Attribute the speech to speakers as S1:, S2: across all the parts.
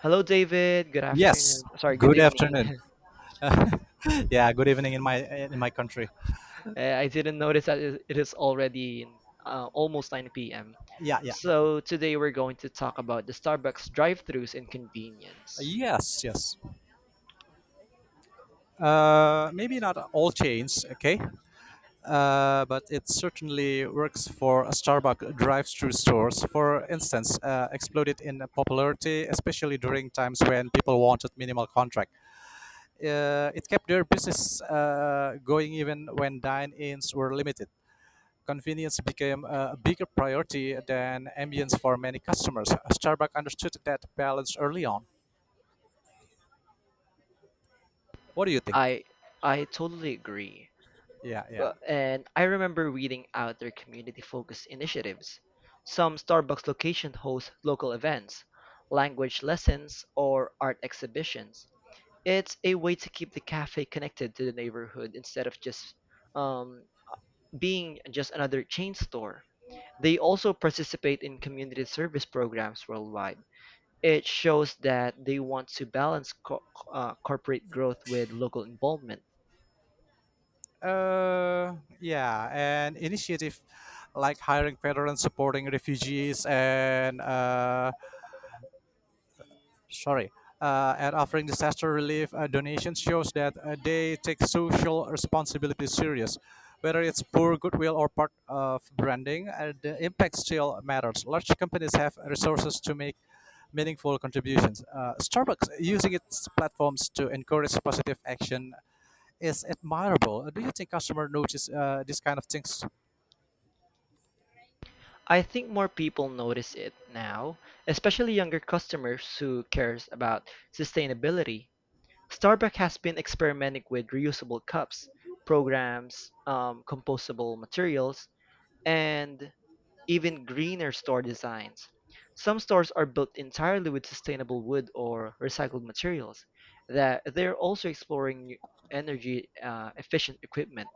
S1: Hello, David. Good
S2: Yes.
S1: afternoon. Sorry, good
S2: Good
S1: evening.
S2: afternoon. Yeah, good evening in my in my country.
S1: I didn't notice that it is already almost 9 p.m.
S2: Yeah, yeah, yeah.
S1: So today we're going to talk about the Starbucks drive-thrus and convenience.
S2: Yes, yes. Maybe not all chains, okay? But it certainly works for Starbucks drive-through stores. For instance, exploded in popularity, especially during times when people wanted minimal contract. It kept their business going even when dine-ins were limited. Convenience became a bigger priority than ambience for many customers. Starbucks understood that balance early on. What do you think?
S1: I I totally agree.
S2: Yeah, yeah.
S1: But, and I remember reading out their community-focused initiatives. Some Starbucks locations host local events, language lessons, or art exhibitions. It's a way to keep the cafe connected to the neighborhood instead of just um, being just another chain store. They also participate in community service programs worldwide. It shows that they want to balance corporate growth with local involvement.
S2: Yeah, and initiative like hiring veterans, supporting refugees, and sorry, at offering disaster relief donations shows that they take social responsibility serious. Whether it's poor goodwill or part of branding, the impact still matters. Large companies have resources to make meaningful contributions. Starbucks using its platforms to encourage positive action is admirable. Do you think customers notice these kind of things?
S1: I think more people notice it now, especially younger customers who cares about sustainability. Starbucks has been experimenting with reusable cups, programs, compostable materials, and even greener store designs. Some stores are built entirely with sustainable wood or recycled materials. That they're also exploring new energy efficient equipment.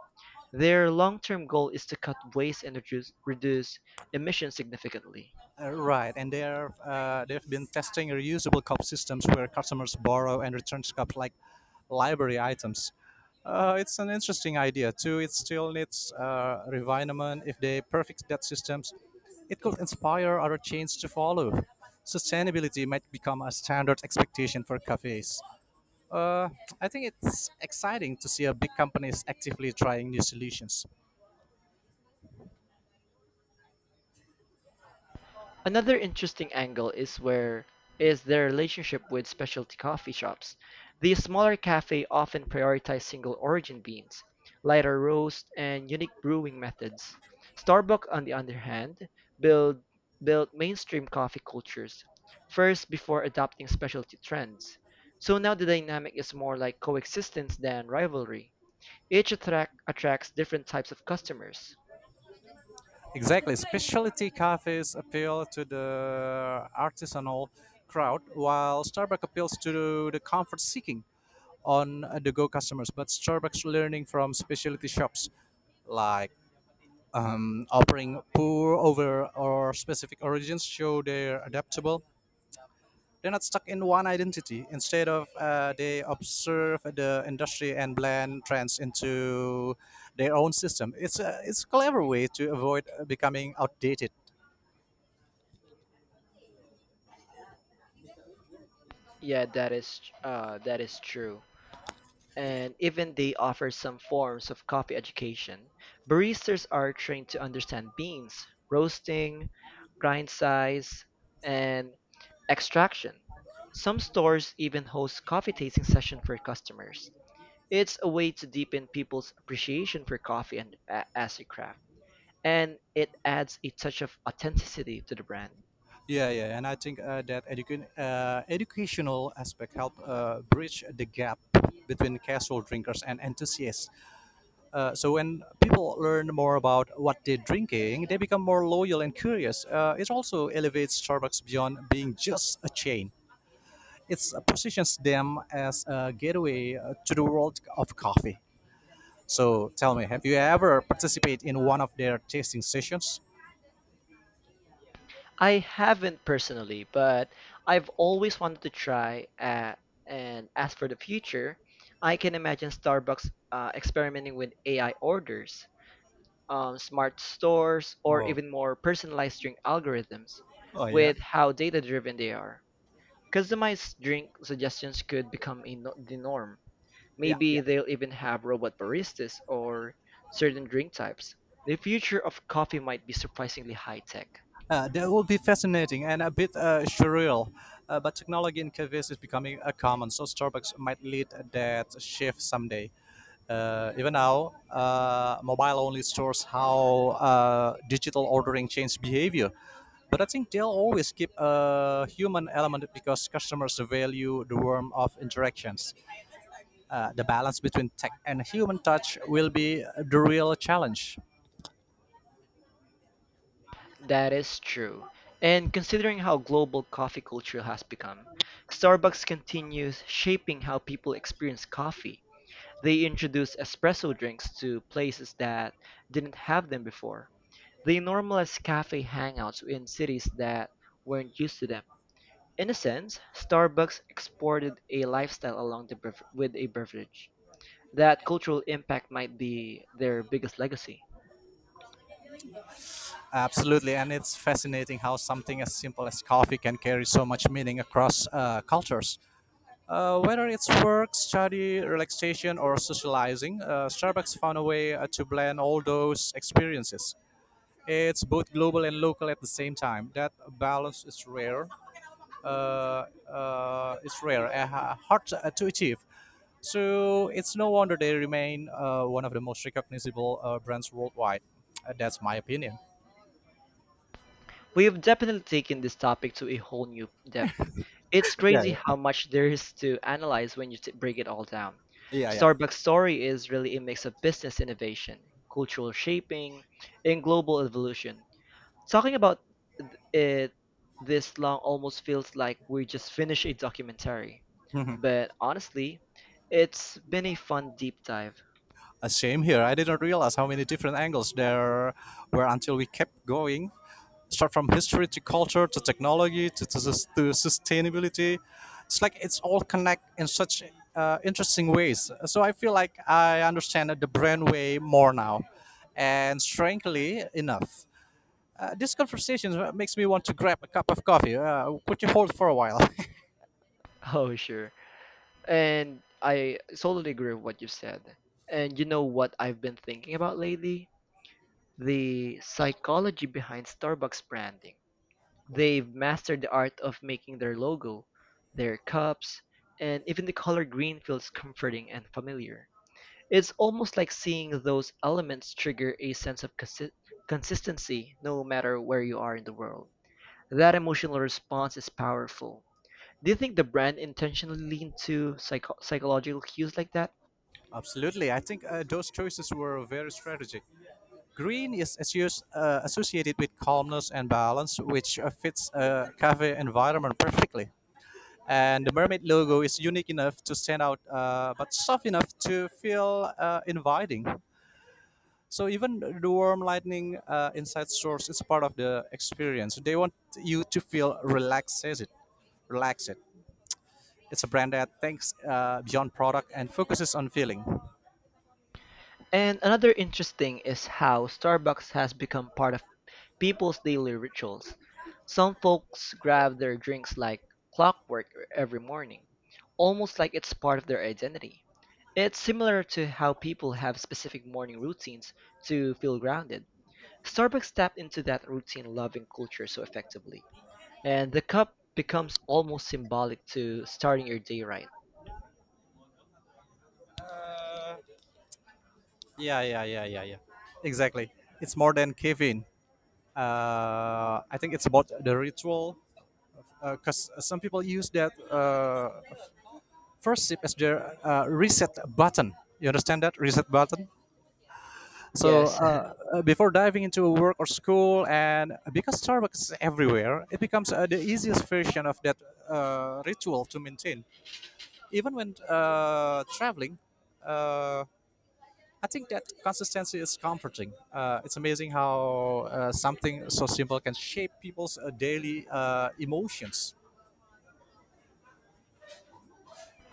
S1: Their long-term goal is to cut waste and reduce emissions significantly.
S2: Right, and there they've been testing reusable cup systems where customers borrow and return cups like library items. It's an interesting idea too. It still needs refinement. If they perfect that systems, it could inspire other chains to follow. Sustainability might become a standard expectation for cafes. Uh, I think it's exciting to see a big companies actively trying new solutions.
S1: Another interesting angle is where is their relationship with specialty coffee shops. These smaller cafes often prioritize single origin beans, lighter roast, and unique brewing methods. Starbucks, on the other hand, build built mainstream coffee cultures first before adopting specialty trends. So now the dynamic is more like coexistence than rivalry. Each attracts different types of customers.
S2: Exactly. Specialty cafes appeal to the artisanal crowd, while Starbucks appeals to the comfort seeking on the go customers. But Starbucks learning from specialty shops like offering pour over or specific origins show they're adaptable. They're not stuck in one identity. Instead of they observe the industry and blend trends into their own system. It's a clever way to avoid becoming outdated.
S1: Yeah, that is true. And even they offer some forms of coffee education. Baristas are trained to understand beans, roasting, grind size, and extraction. Some stores even host coffee tasting sessions for customers. It's a way to deepen people's appreciation for coffee as a craft, and it adds a touch of authenticity to the brand.
S2: Yeah, yeah, and I think that educational aspect help bridge the gap between casual drinkers and enthusiasts. So when people learn more about what they're drinking, they become more loyal and curious. It also elevates Starbucks beyond being just a chain. It positions them as a gateway to the world of coffee. So tell me, have you ever participated in one of their tasting sessions?
S1: I haven't personally, but I've always wanted to try. And as for the future, I can imagine Starbucks experimenting with AI orders, smart stores, or
S2: Oh,
S1: even more personalized drink algorithms
S2: oh yeah,
S1: with how data driven they are. Customized drink suggestions could become a no- the norm.
S2: yeah, yeah.
S1: Maybe they'll even have robot baristas or certain drink types. The future of coffee might be surprisingly high tech.
S2: That will be fascinating and a bit surreal. But technology in cafes is becoming common, so Starbucks might lead that shift someday. Even now, mobile only stores how digital ordering changed behavior. But I think they'll always keep a human element because customers value the warmth of interactions. The balance between tech and human touch will be the real challenge.
S1: That is true. And considering how global coffee culture has become, Starbucks continues shaping how people experience coffee. They introduce espresso drinks to places that didn't have them before. They normalize cafe hangouts in cities that weren't used to them. In a sense, Starbucks exported a lifestyle with a beverage. That cultural impact might be their biggest legacy.
S2: Absolutely, and it's fascinating how something as simple as coffee can carry so much meaning across cultures. Whether it's work, study, relaxation, or socializing, Starbucks found a way to blend all those experiences. It's both global and local at the same time. That balance is rare. It's rare and hard to achieve. So it's no wonder they remain one of the most recognizable brands worldwide. That's my opinion.
S1: We have definitely taken this topic to a whole new depth. It's crazy
S2: Yeah.
S1: how much there is to analyze when you break it all down.
S2: Yeah, yeah.
S1: Starbucks' story is really a mix of business innovation, cultural shaping, and global evolution. Talking about th- it this long almost feels like we just finished a documentary, but honestly, it's been a fun deep dive.
S2: A shame here. I didn't realize how many different angles there were until we kept going. Start from history to culture to technology to sustainability. It's like it's all connect in such interesting ways. So I feel like I understand the brand way more now, and strangely enough. This conversation makes me want to grab a cup of coffee. Could you hold for a while?
S1: Oh, sure. And I totally agree with what you said. And you know what I've been thinking about lately? The psychology behind Starbucks branding. They've mastered the art of making their logo, their cups, and even the color green feels comforting and familiar. It's almost like seeing those elements trigger a sense of consistency no matter where you are in the world. That emotional response is powerful. Do you think the brand intentionally leaned to psychological cues like that?
S2: Absolutely. I think those choices were very strategic. Green is associated with calmness and balance, which fits a cafe environment perfectly. And the mermaid logo is unique enough to stand out, but soft enough to feel inviting. So even the warm lightning inside source is part of the experience. They want you to feel relaxed. It relaxed. It's a brand that thinks beyond product and focuses on feeling.
S1: And another interesting is how Starbucks has become part of people's daily rituals. Some folks grab their drinks like clockwork every morning, almost like it's part of their identity. It's similar to how people have specific morning routines to feel grounded. Starbucks tapped into that routine loving culture so effectively, and the cup becomes almost symbolic to starting your day right.
S2: Yeah, yeah. Exactly. It's more than caffeine. I think it's about the ritual, because some people use that first sip as their reset button. You understand that reset button? So
S1: Yes.
S2: before diving into work or school, and because Starbucks is everywhere, it becomes the easiest version of that ritual to maintain. Even when traveling, uh, I think that consistency is comforting. It's amazing how something so simple can shape people's daily emotions.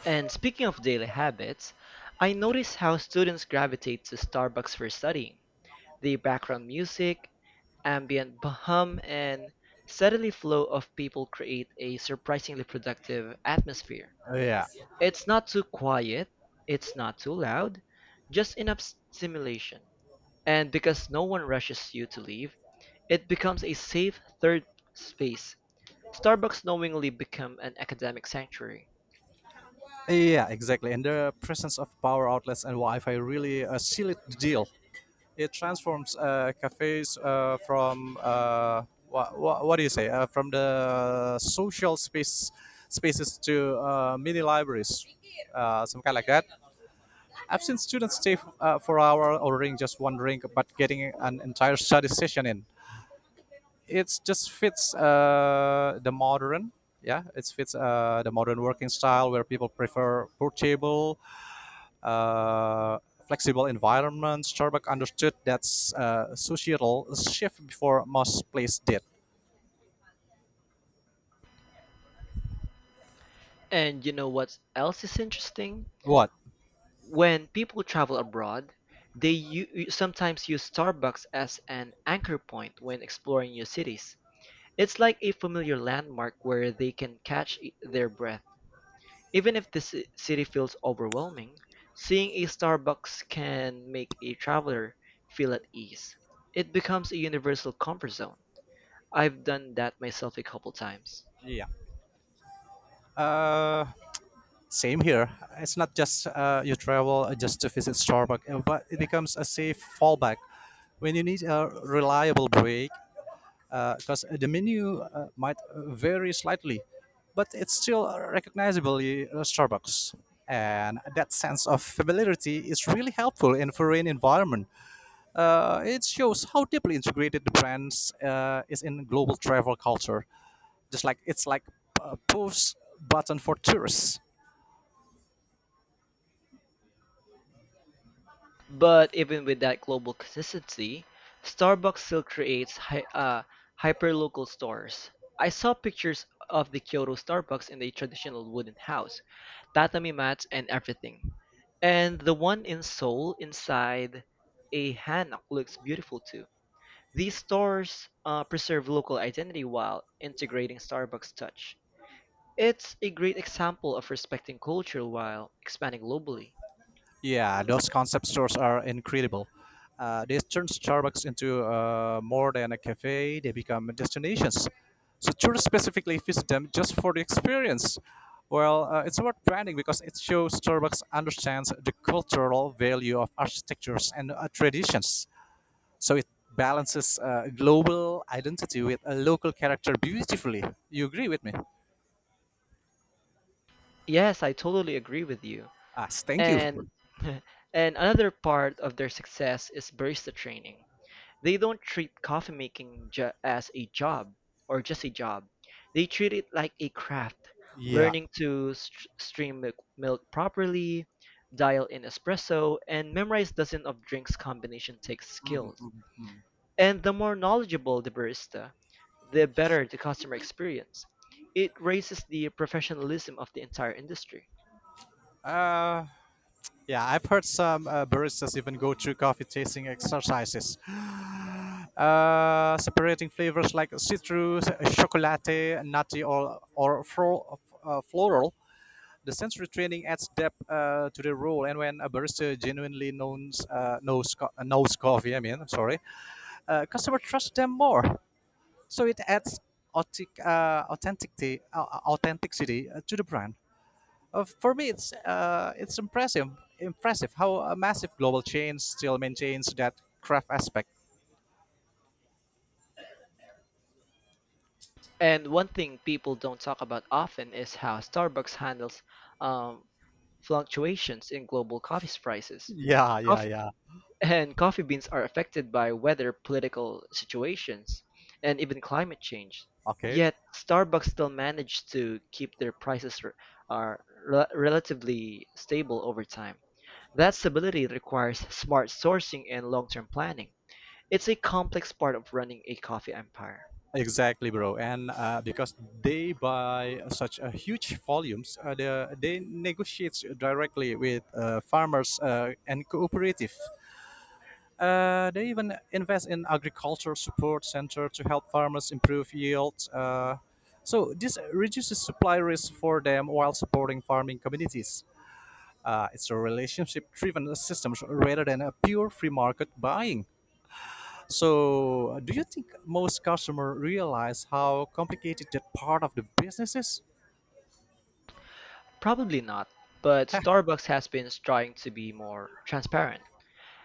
S1: And speaking of daily habits, I notice how students gravitate to Starbucks for studying. The background music, hum, and steadily flow of people create a surprisingly productive atmosphere.
S2: Yeah.
S1: It's not too quiet, it's not too loud, just enough stimulation. And because no one rushes you to leave, it becomes a safe third space. Starbucks knowingly become an academic sanctuary.
S2: Yeah, exactly. And the presence of power outlets and Wi-Fi really seal it the deal. It transforms cafes from what do you say from the social space spaces to mini libraries, some kind like that. I've seen students stay for hour ordering just one drink, but getting an entire study session in. It just fits the modern. Yeah, it fits the modern working style where people prefer portable uh, flexible environment, Starbucks understood that societal shift before most places did.
S1: And you know what else is interesting?
S2: What?
S1: When people travel abroad, sometimes use Starbucks as an anchor point when exploring new cities. It's like a familiar landmark where they can catch their breath. Even if the city feels overwhelming, seeing a Starbucks can make a traveler feel at ease. It becomes a universal comfort zone. I've done that myself a couple times.
S2: Yeah. Uh, same here. It's not just you travel just to visit Starbucks, but it becomes a safe fallback when you need a reliable break because the menu might vary slightly, but it's still recognizably Starbucks. And that sense of familiarity is really helpful in foreign environment. It shows how deeply integrated the brands is in global travel culture. Just like it's like a push button for tourists.
S1: But even with that global consistency, Starbucks still creates hyperlocal stores. I saw pictures of the Kyoto Starbucks in the traditional wooden house, tatami mats and everything. And the one in Seoul inside a hanok looks beautiful too. These stores preserve local identity while integrating Starbucks touch. It's a great example of respecting culture while expanding globally.
S2: Yeah, those concept stores are incredible. They turn Starbucks into more than a cafe; they become destinations. So tourists specifically visit them just for the experience. Well, it's about branding because it shows Starbucks understands the cultural value of architectures and traditions. So it balances global identity with a local character beautifully. You agree with me?
S1: Yes, I totally agree with you.
S2: Ah, thank you.
S1: And and another part of their success is barista training. They don't treat coffee making ju- as a job or just a job. They treat it like a craft,
S2: Yeah.
S1: learning to stream milk properly, dial in espresso, and memorize dozens of drinks combination takes skills. And the more knowledgeable the barista, the better the customer experience. It raises the professionalism of the entire industry.
S2: Uh, yeah, I've heard some baristas even go through coffee tasting exercises, separating flavors like citrus, chocolate, nutty, or floral. The sensory training adds depth to the role, and when a barista genuinely knows coffee, I mean, sorry, customer trust them more. So it adds authentic, uh, authenticity, uh, authenticity to the brand. For me, it's impressive how a massive global chain still maintains that craft aspect.
S1: And one thing people don't talk about often is how Starbucks handles um, fluctuations in global coffee prices.
S2: Yeah, yeah,
S1: Coffee,
S2: yeah.
S1: and coffee beans are affected by weather, political situations, and even climate change.
S2: Okay.
S1: Yet Starbucks still managed to keep their prices relatively stable over time. That stability requires smart sourcing and long-term planning. It's a complex part of running a coffee empire.
S2: Exactly, bro. And because they buy such a huge volumes, they negotiate directly with farmers and cooperative. They even invest in agriculture support center to help farmers improve yields. So this reduces supply risk for them while supporting farming communities. It's a relationship-driven system rather than a pure free market buying. So, do you think most customers realize how complicated that part of the business is?
S1: Probably not, but Starbucks has been trying to be more transparent.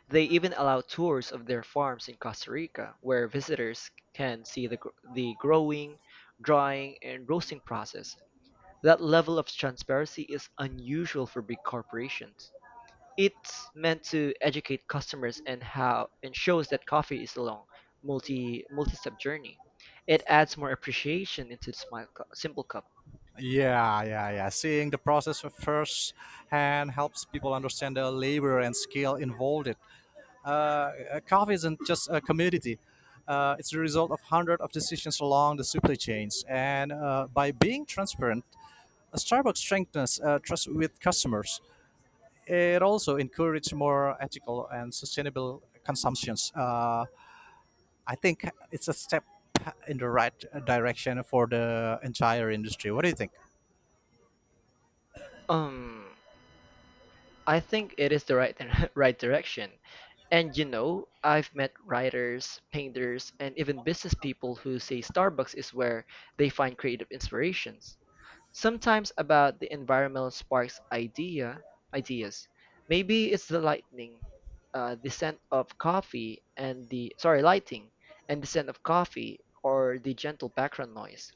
S1: They even allow tours of their farms in Costa Rica, where visitors can see the growing, drying, and roasting process. That level of transparency is unusual for big corporations. It's meant to educate customers and shows that coffee is a long, multi-step journey. It adds more appreciation into the simple cup.
S2: Yeah, yeah, yeah. Seeing the process first hand helps people understand the labor and skill involved. uh, Coffee isn't just a commodity. It's the result of hundreds of decisions along the supply chains. And by being transparent, Starbucks strengthens trust with customers. It also encourages more ethical and sustainable consumptions. I think it's a step in the right direction for the entire industry. What do you think?
S1: Um, I think it is the right right direction. And you know, I've met writers, painters, and even business people who say Starbucks is where they find creative inspirations. Sometimes about the environmental sparks ideas. Maybe it's the lightning, the scent of coffee and the sorry, lighting and the scent of coffee or the gentle background noise.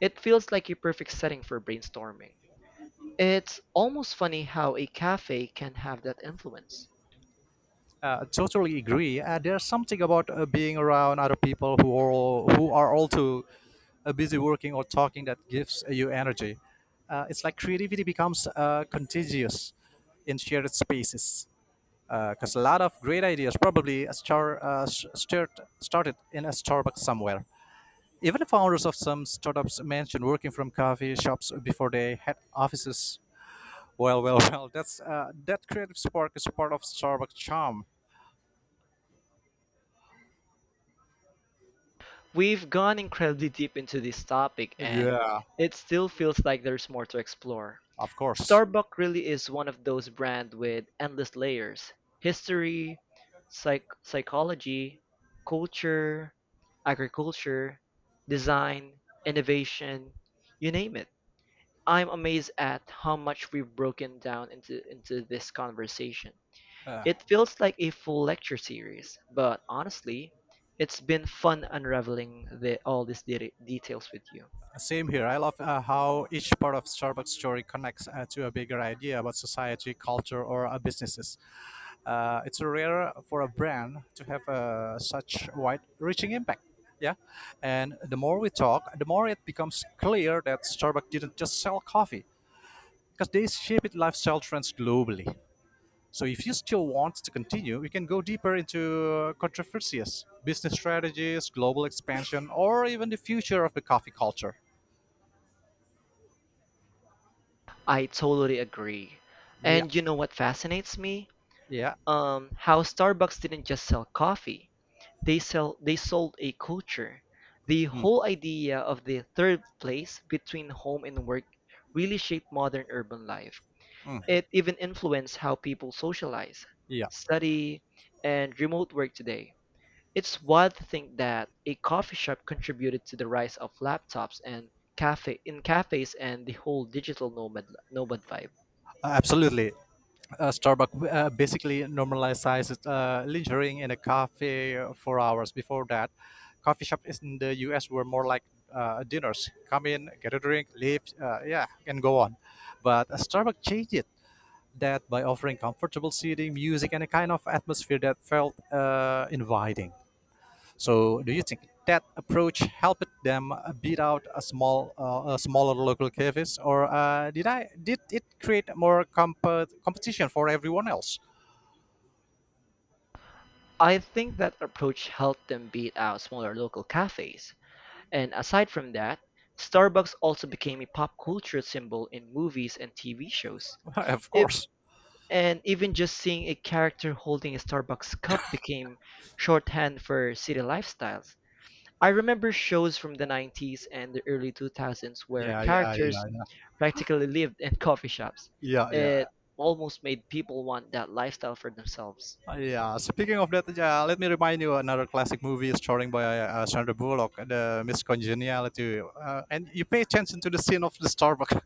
S1: It feels like a perfect setting for brainstorming. It's almost funny how a cafe can have that influence.
S2: Totally agree. There's something about being around other people who are also busy working or talking that gives you energy. It's like creativity becomes contagious in shared spaces. Because a lot of great ideas probably started in a Starbucks somewhere. Even the founders of some startups mentioned working from coffee shops before they had offices. Well. That's that creative spark is part of Starbucks charm.
S1: We've gone incredibly deep into this topic and
S2: Yeah.
S1: it still feels like there's more to explore.
S2: Of course.
S1: Starbucks really is one of those brands with endless layers: history, psychology, culture, agriculture, design, innovation, you name it. I'm amazed at how much we've broken into this conversation.
S2: Uh,
S1: It feels like a full lecture series, but honestly, it's been fun unraveling all these details with you.
S2: same here. I love how each part of Starbucks story connects to a bigger idea about society, culture, or businesses. It's rare for a brand to have such wide-reaching impact. Yeah, and the more we talk, the more it becomes clear that Starbucks didn't just sell coffee because they shaped lifestyle trends globally. So if you still want to continue, we can go deeper into controversies, business strategies, global expansion, or even the future of the coffee culture.
S1: I totally agree.
S2: Yeah,
S1: And you know what fascinates me?
S2: yeah.
S1: How Starbucks didn't just sell coffee. They sold a culture. The
S2: Mm,
S1: whole idea of the third place between home and work really shaped modern urban life.
S2: mm.
S1: It even influenced how people socialize,
S2: Yeah,
S1: study, and remote work today. It's wild to think that a coffee shop contributed to the rise of laptops and cafes and the whole digital nomad vibe.
S2: absolutely. Starbucks basically normalizes lingering in a cafe for hours. Before that, coffee shops in the US were more like dinners: come in, get a drink, leave, yeah, and go on. But Starbucks changed it that by offering comfortable seating, music, and a kind of atmosphere that felt inviting. So, do you think that approach helped them beat out a smaller local cafes, or did it create more competition for everyone else?
S1: I think that approach helped them beat out smaller local cafes. And aside from that, Starbucks also became a pop culture symbol in movies and TV shows.
S2: Of course.
S1: And even just seeing a character holding a Starbucks cup became shorthand for city lifestyles. I remember shows from the 90s and the early 2000s where
S2: Yeah, yeah,
S1: characters
S2: yeah,
S1: practically lived in coffee shops.
S2: yeah, yeah.
S1: It almost made people want that lifestyle for themselves.
S2: Yeah. Speaking of that, yeah, let me remind you another classic movie starring by Sandra Bullock, the Miss Congeniality, and you pay attention to the scene of the Starbucks.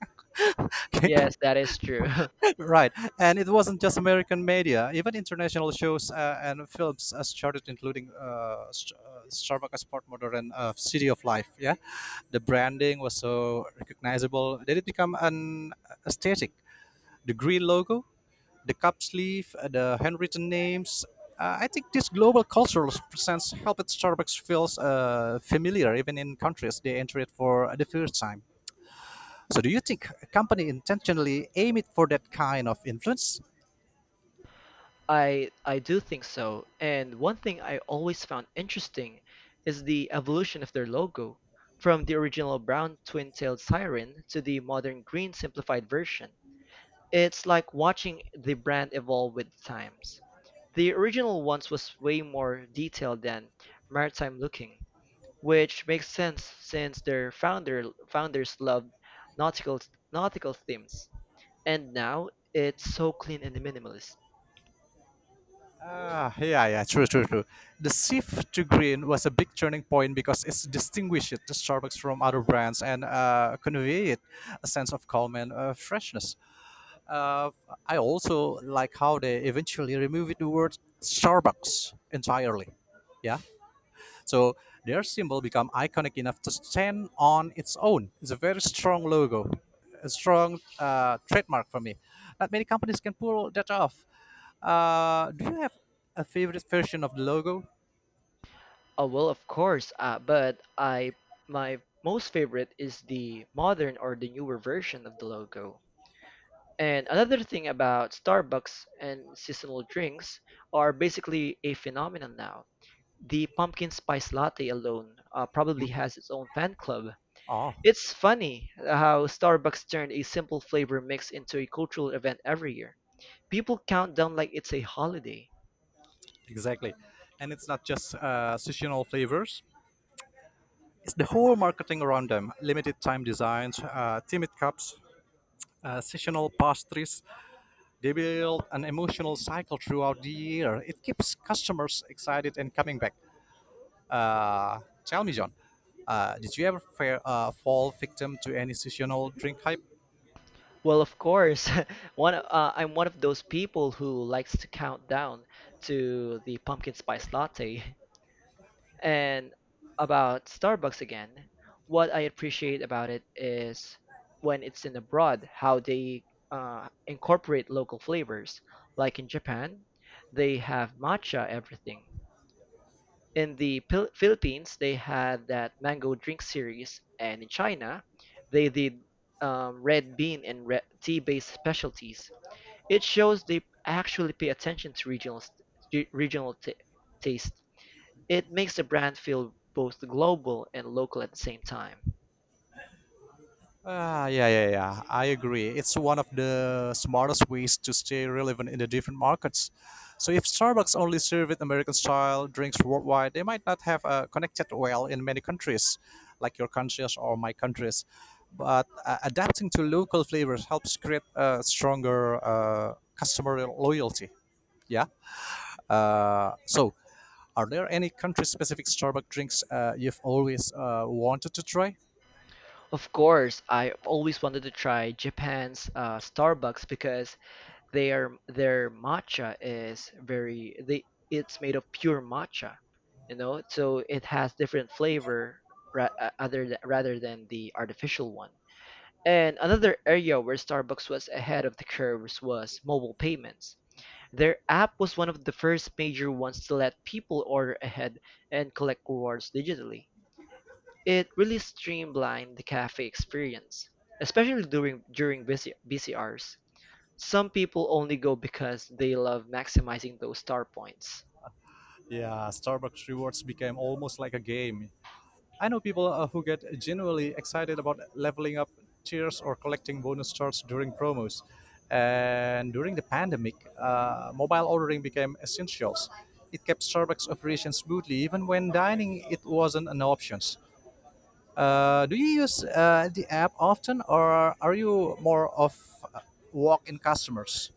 S1: Yes, that is true.
S2: Right, and it wasn't just American media. Even international shows and films started including Starbucks as part modern city of life. Yeah, the branding was so recognizable that it became an aesthetic. The green logo, the cup sleeve, the handwritten names. I think this global cultural presence helped Starbucks feels familiar even in countries they enter it for the first time. So, do you think a company intentionally aim it for that kind of influence?
S1: I do think so. And one thing I always found interesting is the evolution of their logo, from the original brown twin-tailed siren to the modern green simplified version. It's like watching the brand evolve with the times. The original ones was way more detailed than maritime looking, which makes sense since their founders loved nautical nautical themes. And now it's so clean and minimalist.
S2: Ah, yeah, yeah, true, true, true. The shift to green was a big turning point because it distinguished the Starbucks from other brands and conveyed a sense of calm and freshness. Uh, I also like how they eventually removed the word Starbucks entirely. Yeah, so their symbol become iconic enough to stand on its own. It's a very strong logo, a strong trademark for me. Not many companies can pull that off. Do you have a favorite version of the logo?
S1: Oh well, of course, but I my most favorite is the modern or the newer version of the logo. And another thing about Starbucks and seasonal drinks are basically a phenomenon now. The pumpkin spice latte alone probably has its own fan club.
S2: Oh,
S1: It's funny how Starbucks turned a simple flavor mix into a cultural event every year. People count down like it's a holiday.
S2: exactly. And it's not just seasonal flavors. It's the whole marketing around them. Limited time designs, timid cups, seasonal pastries. They build an emotional cycle throughout the year. It keeps customers excited and coming back. Tell me, John, did you ever fall victim to any seasonal drink hype?
S1: Well, of course, one I'm one of those people who likes to count down to the pumpkin spice latte. And about Starbucks again, what I appreciate about it is when it's in abroad, how they incorporate local flavors. Like in Japan, they have matcha everything. In the Philippines, they had that mango drink series, and in China, they did red bean and red tea-based specialties. It shows they actually pay attention to regional taste. It makes the brand feel both global and local at the same time.
S2: Ah, yeah, yeah, yeah. I agree. It's one of the smartest ways to stay relevant in the different markets. So if Starbucks only served American-style drinks worldwide, they might not have connected well in many countries, like your countries or my countries. But adapting to local flavors helps create a stronger customer loyalty. Yeah. So are there any country-specific Starbucks drinks you've always wanted to try?
S1: Of course, I always wanted to try Japan's Starbucks because their matcha is very they it's made of pure matcha, so it has different flavor rather than the artificial one. And another area where Starbucks was ahead of the curves was mobile payments. Their app was one of the first major ones to let people order ahead and collect rewards digitally. It really streamlined the cafe experience, especially during busy hours. Some people only go because they love maximizing those star points.
S2: Yeah, Starbucks rewards became almost like a game. I know people who get genuinely excited about leveling up tiers or collecting bonus stars during promos. And during the pandemic, mobile ordering became essentials. It kept Starbucks operations smoothly, even when dining it wasn't an option. Do you use the app often, or are you more of uh, walk-in customers?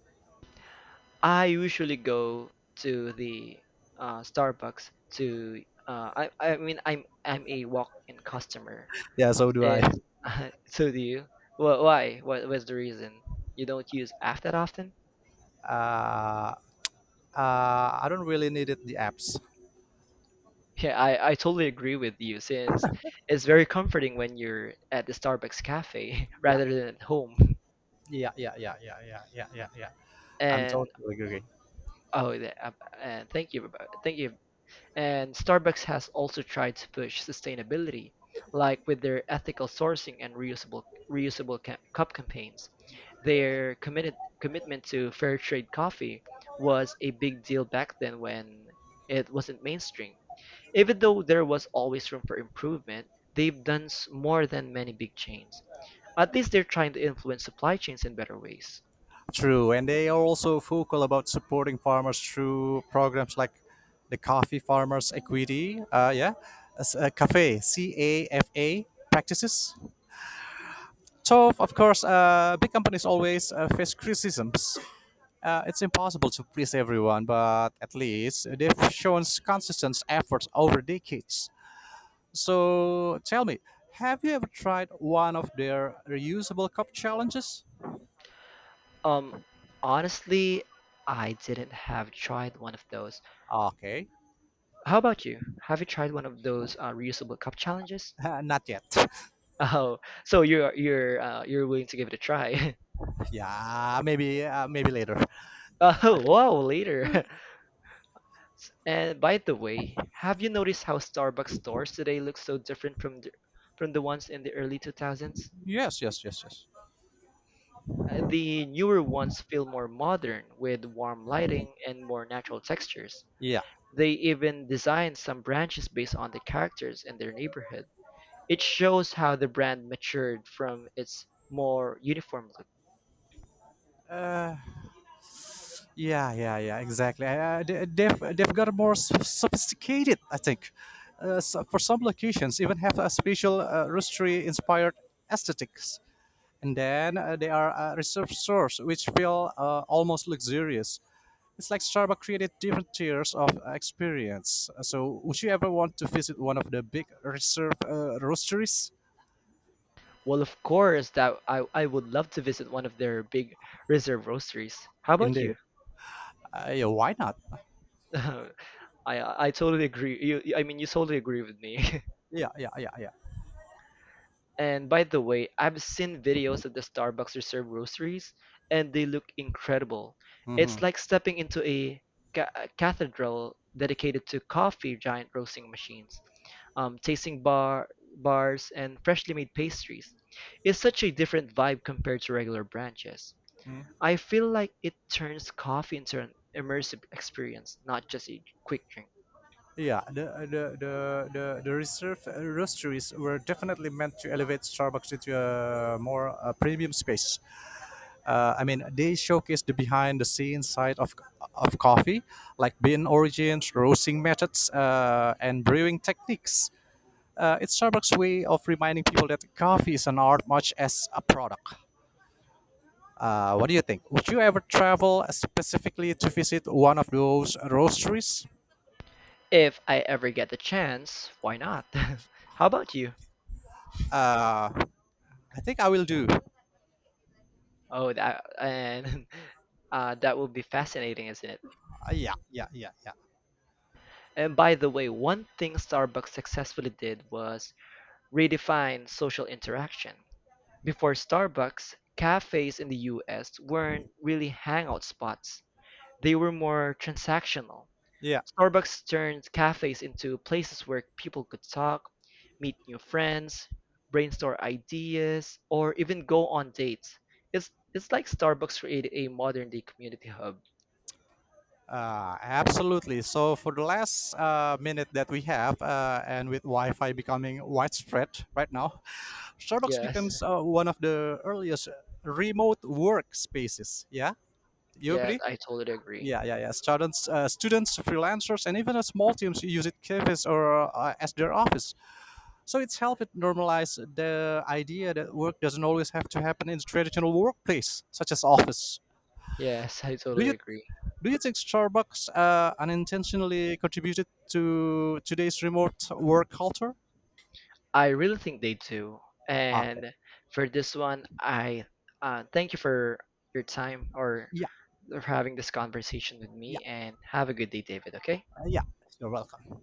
S1: I usually go to the Starbucks to I mean I'm a walk-in customer
S2: Yeah, so do I.
S1: since. So do you. Wha Why? What was the reason? You don't use app that often?
S2: Uh, uh, I don't really need it, the apps.
S1: Yeah, I totally agree with you, since it's very comforting when you're at the Starbucks cafe
S2: Yeah,
S1: rather than at home.
S2: yeah, yeah, yeah, yeah, yeah, yeah, yeah, yeah. I'm
S1: And
S2: totally agree.
S1: oh, the- uh, thank you. And Starbucks has also tried to push sustainability, like with their ethical sourcing and reusable cup campaigns. Their committed commitment to fair trade coffee was a big deal back then, when it wasn't mainstream. Even though there was always room for improvement, they've done more than many big chains. At least they're trying to influence supply chains in better ways.
S2: True, and they are also vocal about supporting farmers through programs like the Coffee Farmers Equity, yeah, as a cafe, CAFA practices. So of course, big companies always face criticisms. It's impossible to please everyone, but at least they've shown consistent efforts over decades. So tell me, have you ever tried one of their reusable cup challenges?
S1: Um, Honestly, I didn't have tried one of those.
S2: Okay,
S1: How about you? Have you tried one of those reusable cup challenges?
S2: not yet.
S1: Oh, so you're willing to give it a try.
S2: Yeah, maybe maybe later. I
S1: Oh,
S2: don't-
S1: wow, later. And by the way, have you noticed how Starbucks stores today look so different from from the ones in the early 2000s?
S2: Yes, yes, yes, yes.
S1: The newer ones feel more modern, with warm lighting and more natural textures.
S2: Yeah,
S1: They even designed some branches based on the characters in their neighborhood. It shows how the brand matured from its more uniform look.
S2: yeah, yeah, yeah. Exactly. They've got more sophisticated, I think. So for some locations, even have a special roastery inspired aesthetics. And then they are a reserve source, which feel almost luxurious. It's like Starbucks created different tiers of experience. So, would you ever want to visit one of the big reserve roasteries?
S1: Well, of course, that I would love to visit one of their big reserve roasteries. How about you?
S2: Indeed. Yeah, why not?
S1: I totally agree. You totally agree with me.
S2: Yeah, yeah, yeah, yeah.
S1: And by the way, I've seen videos of the Starbucks Reserve roasteries, and they look incredible. It's
S2: Hmm.
S1: like stepping into a a cathedral dedicated to coffee giant roasting machines, tasting bar bars, and freshly made pastries. It's such a different vibe compared to regular branches. I feel like it turns coffee into an immersive experience, not just a quick drink.
S2: Yeah, the reserve roasteries were definitely meant to elevate Starbucks into a more premium space. I mean, they showcase the behind the scenes side of coffee, like bean origins, roasting methods, and brewing techniques. It's Starbucks' way of reminding people that coffee is an art much as a product. What do you think? Would you ever travel specifically to visit one of those roasteries?
S1: If I ever get the chance, why not? How about you?
S2: Uh, I think I will do.
S1: Oh, that and that would be fascinating, isn't it?
S2: Yeah, yeah, yeah, yeah,
S1: And by the way, one thing Starbucks successfully did was redefine social interaction. Before Starbucks, cafes in the US weren't really hangout spots. They were more transactional.
S2: yeah.
S1: Starbucks turned cafes into places where people could talk, meet new friends, brainstorm ideas, or even go on dates. It's like Starbucks created a modern day community hub.
S2: Absolutely. So for the last minute that we have, and with Wi-Fi becoming widespread right now, Starbucks
S1: Yes.
S2: becomes one of the earliest remote workspaces. Yeah, you
S1: Yeah,
S2: agree?
S1: I totally agree.
S2: Yeah, yeah, yeah. Students, students, freelancers, and even small teams use it cafes or as their office. So it's helped it normalize the idea that work doesn't always have to happen in the traditional workplace, such as office.
S1: Yes, I
S2: Do
S1: totally
S2: you
S1: agree.
S2: do you think Starbucks unintentionally contributed to today's remote work culture?
S1: I really think they do.
S2: Okay.
S1: And for this one, I thank you for your time, or
S2: Yeah,
S1: for having this conversation with
S2: yeah,
S1: me, and have a good day, David, okay?
S2: yeah. You're welcome.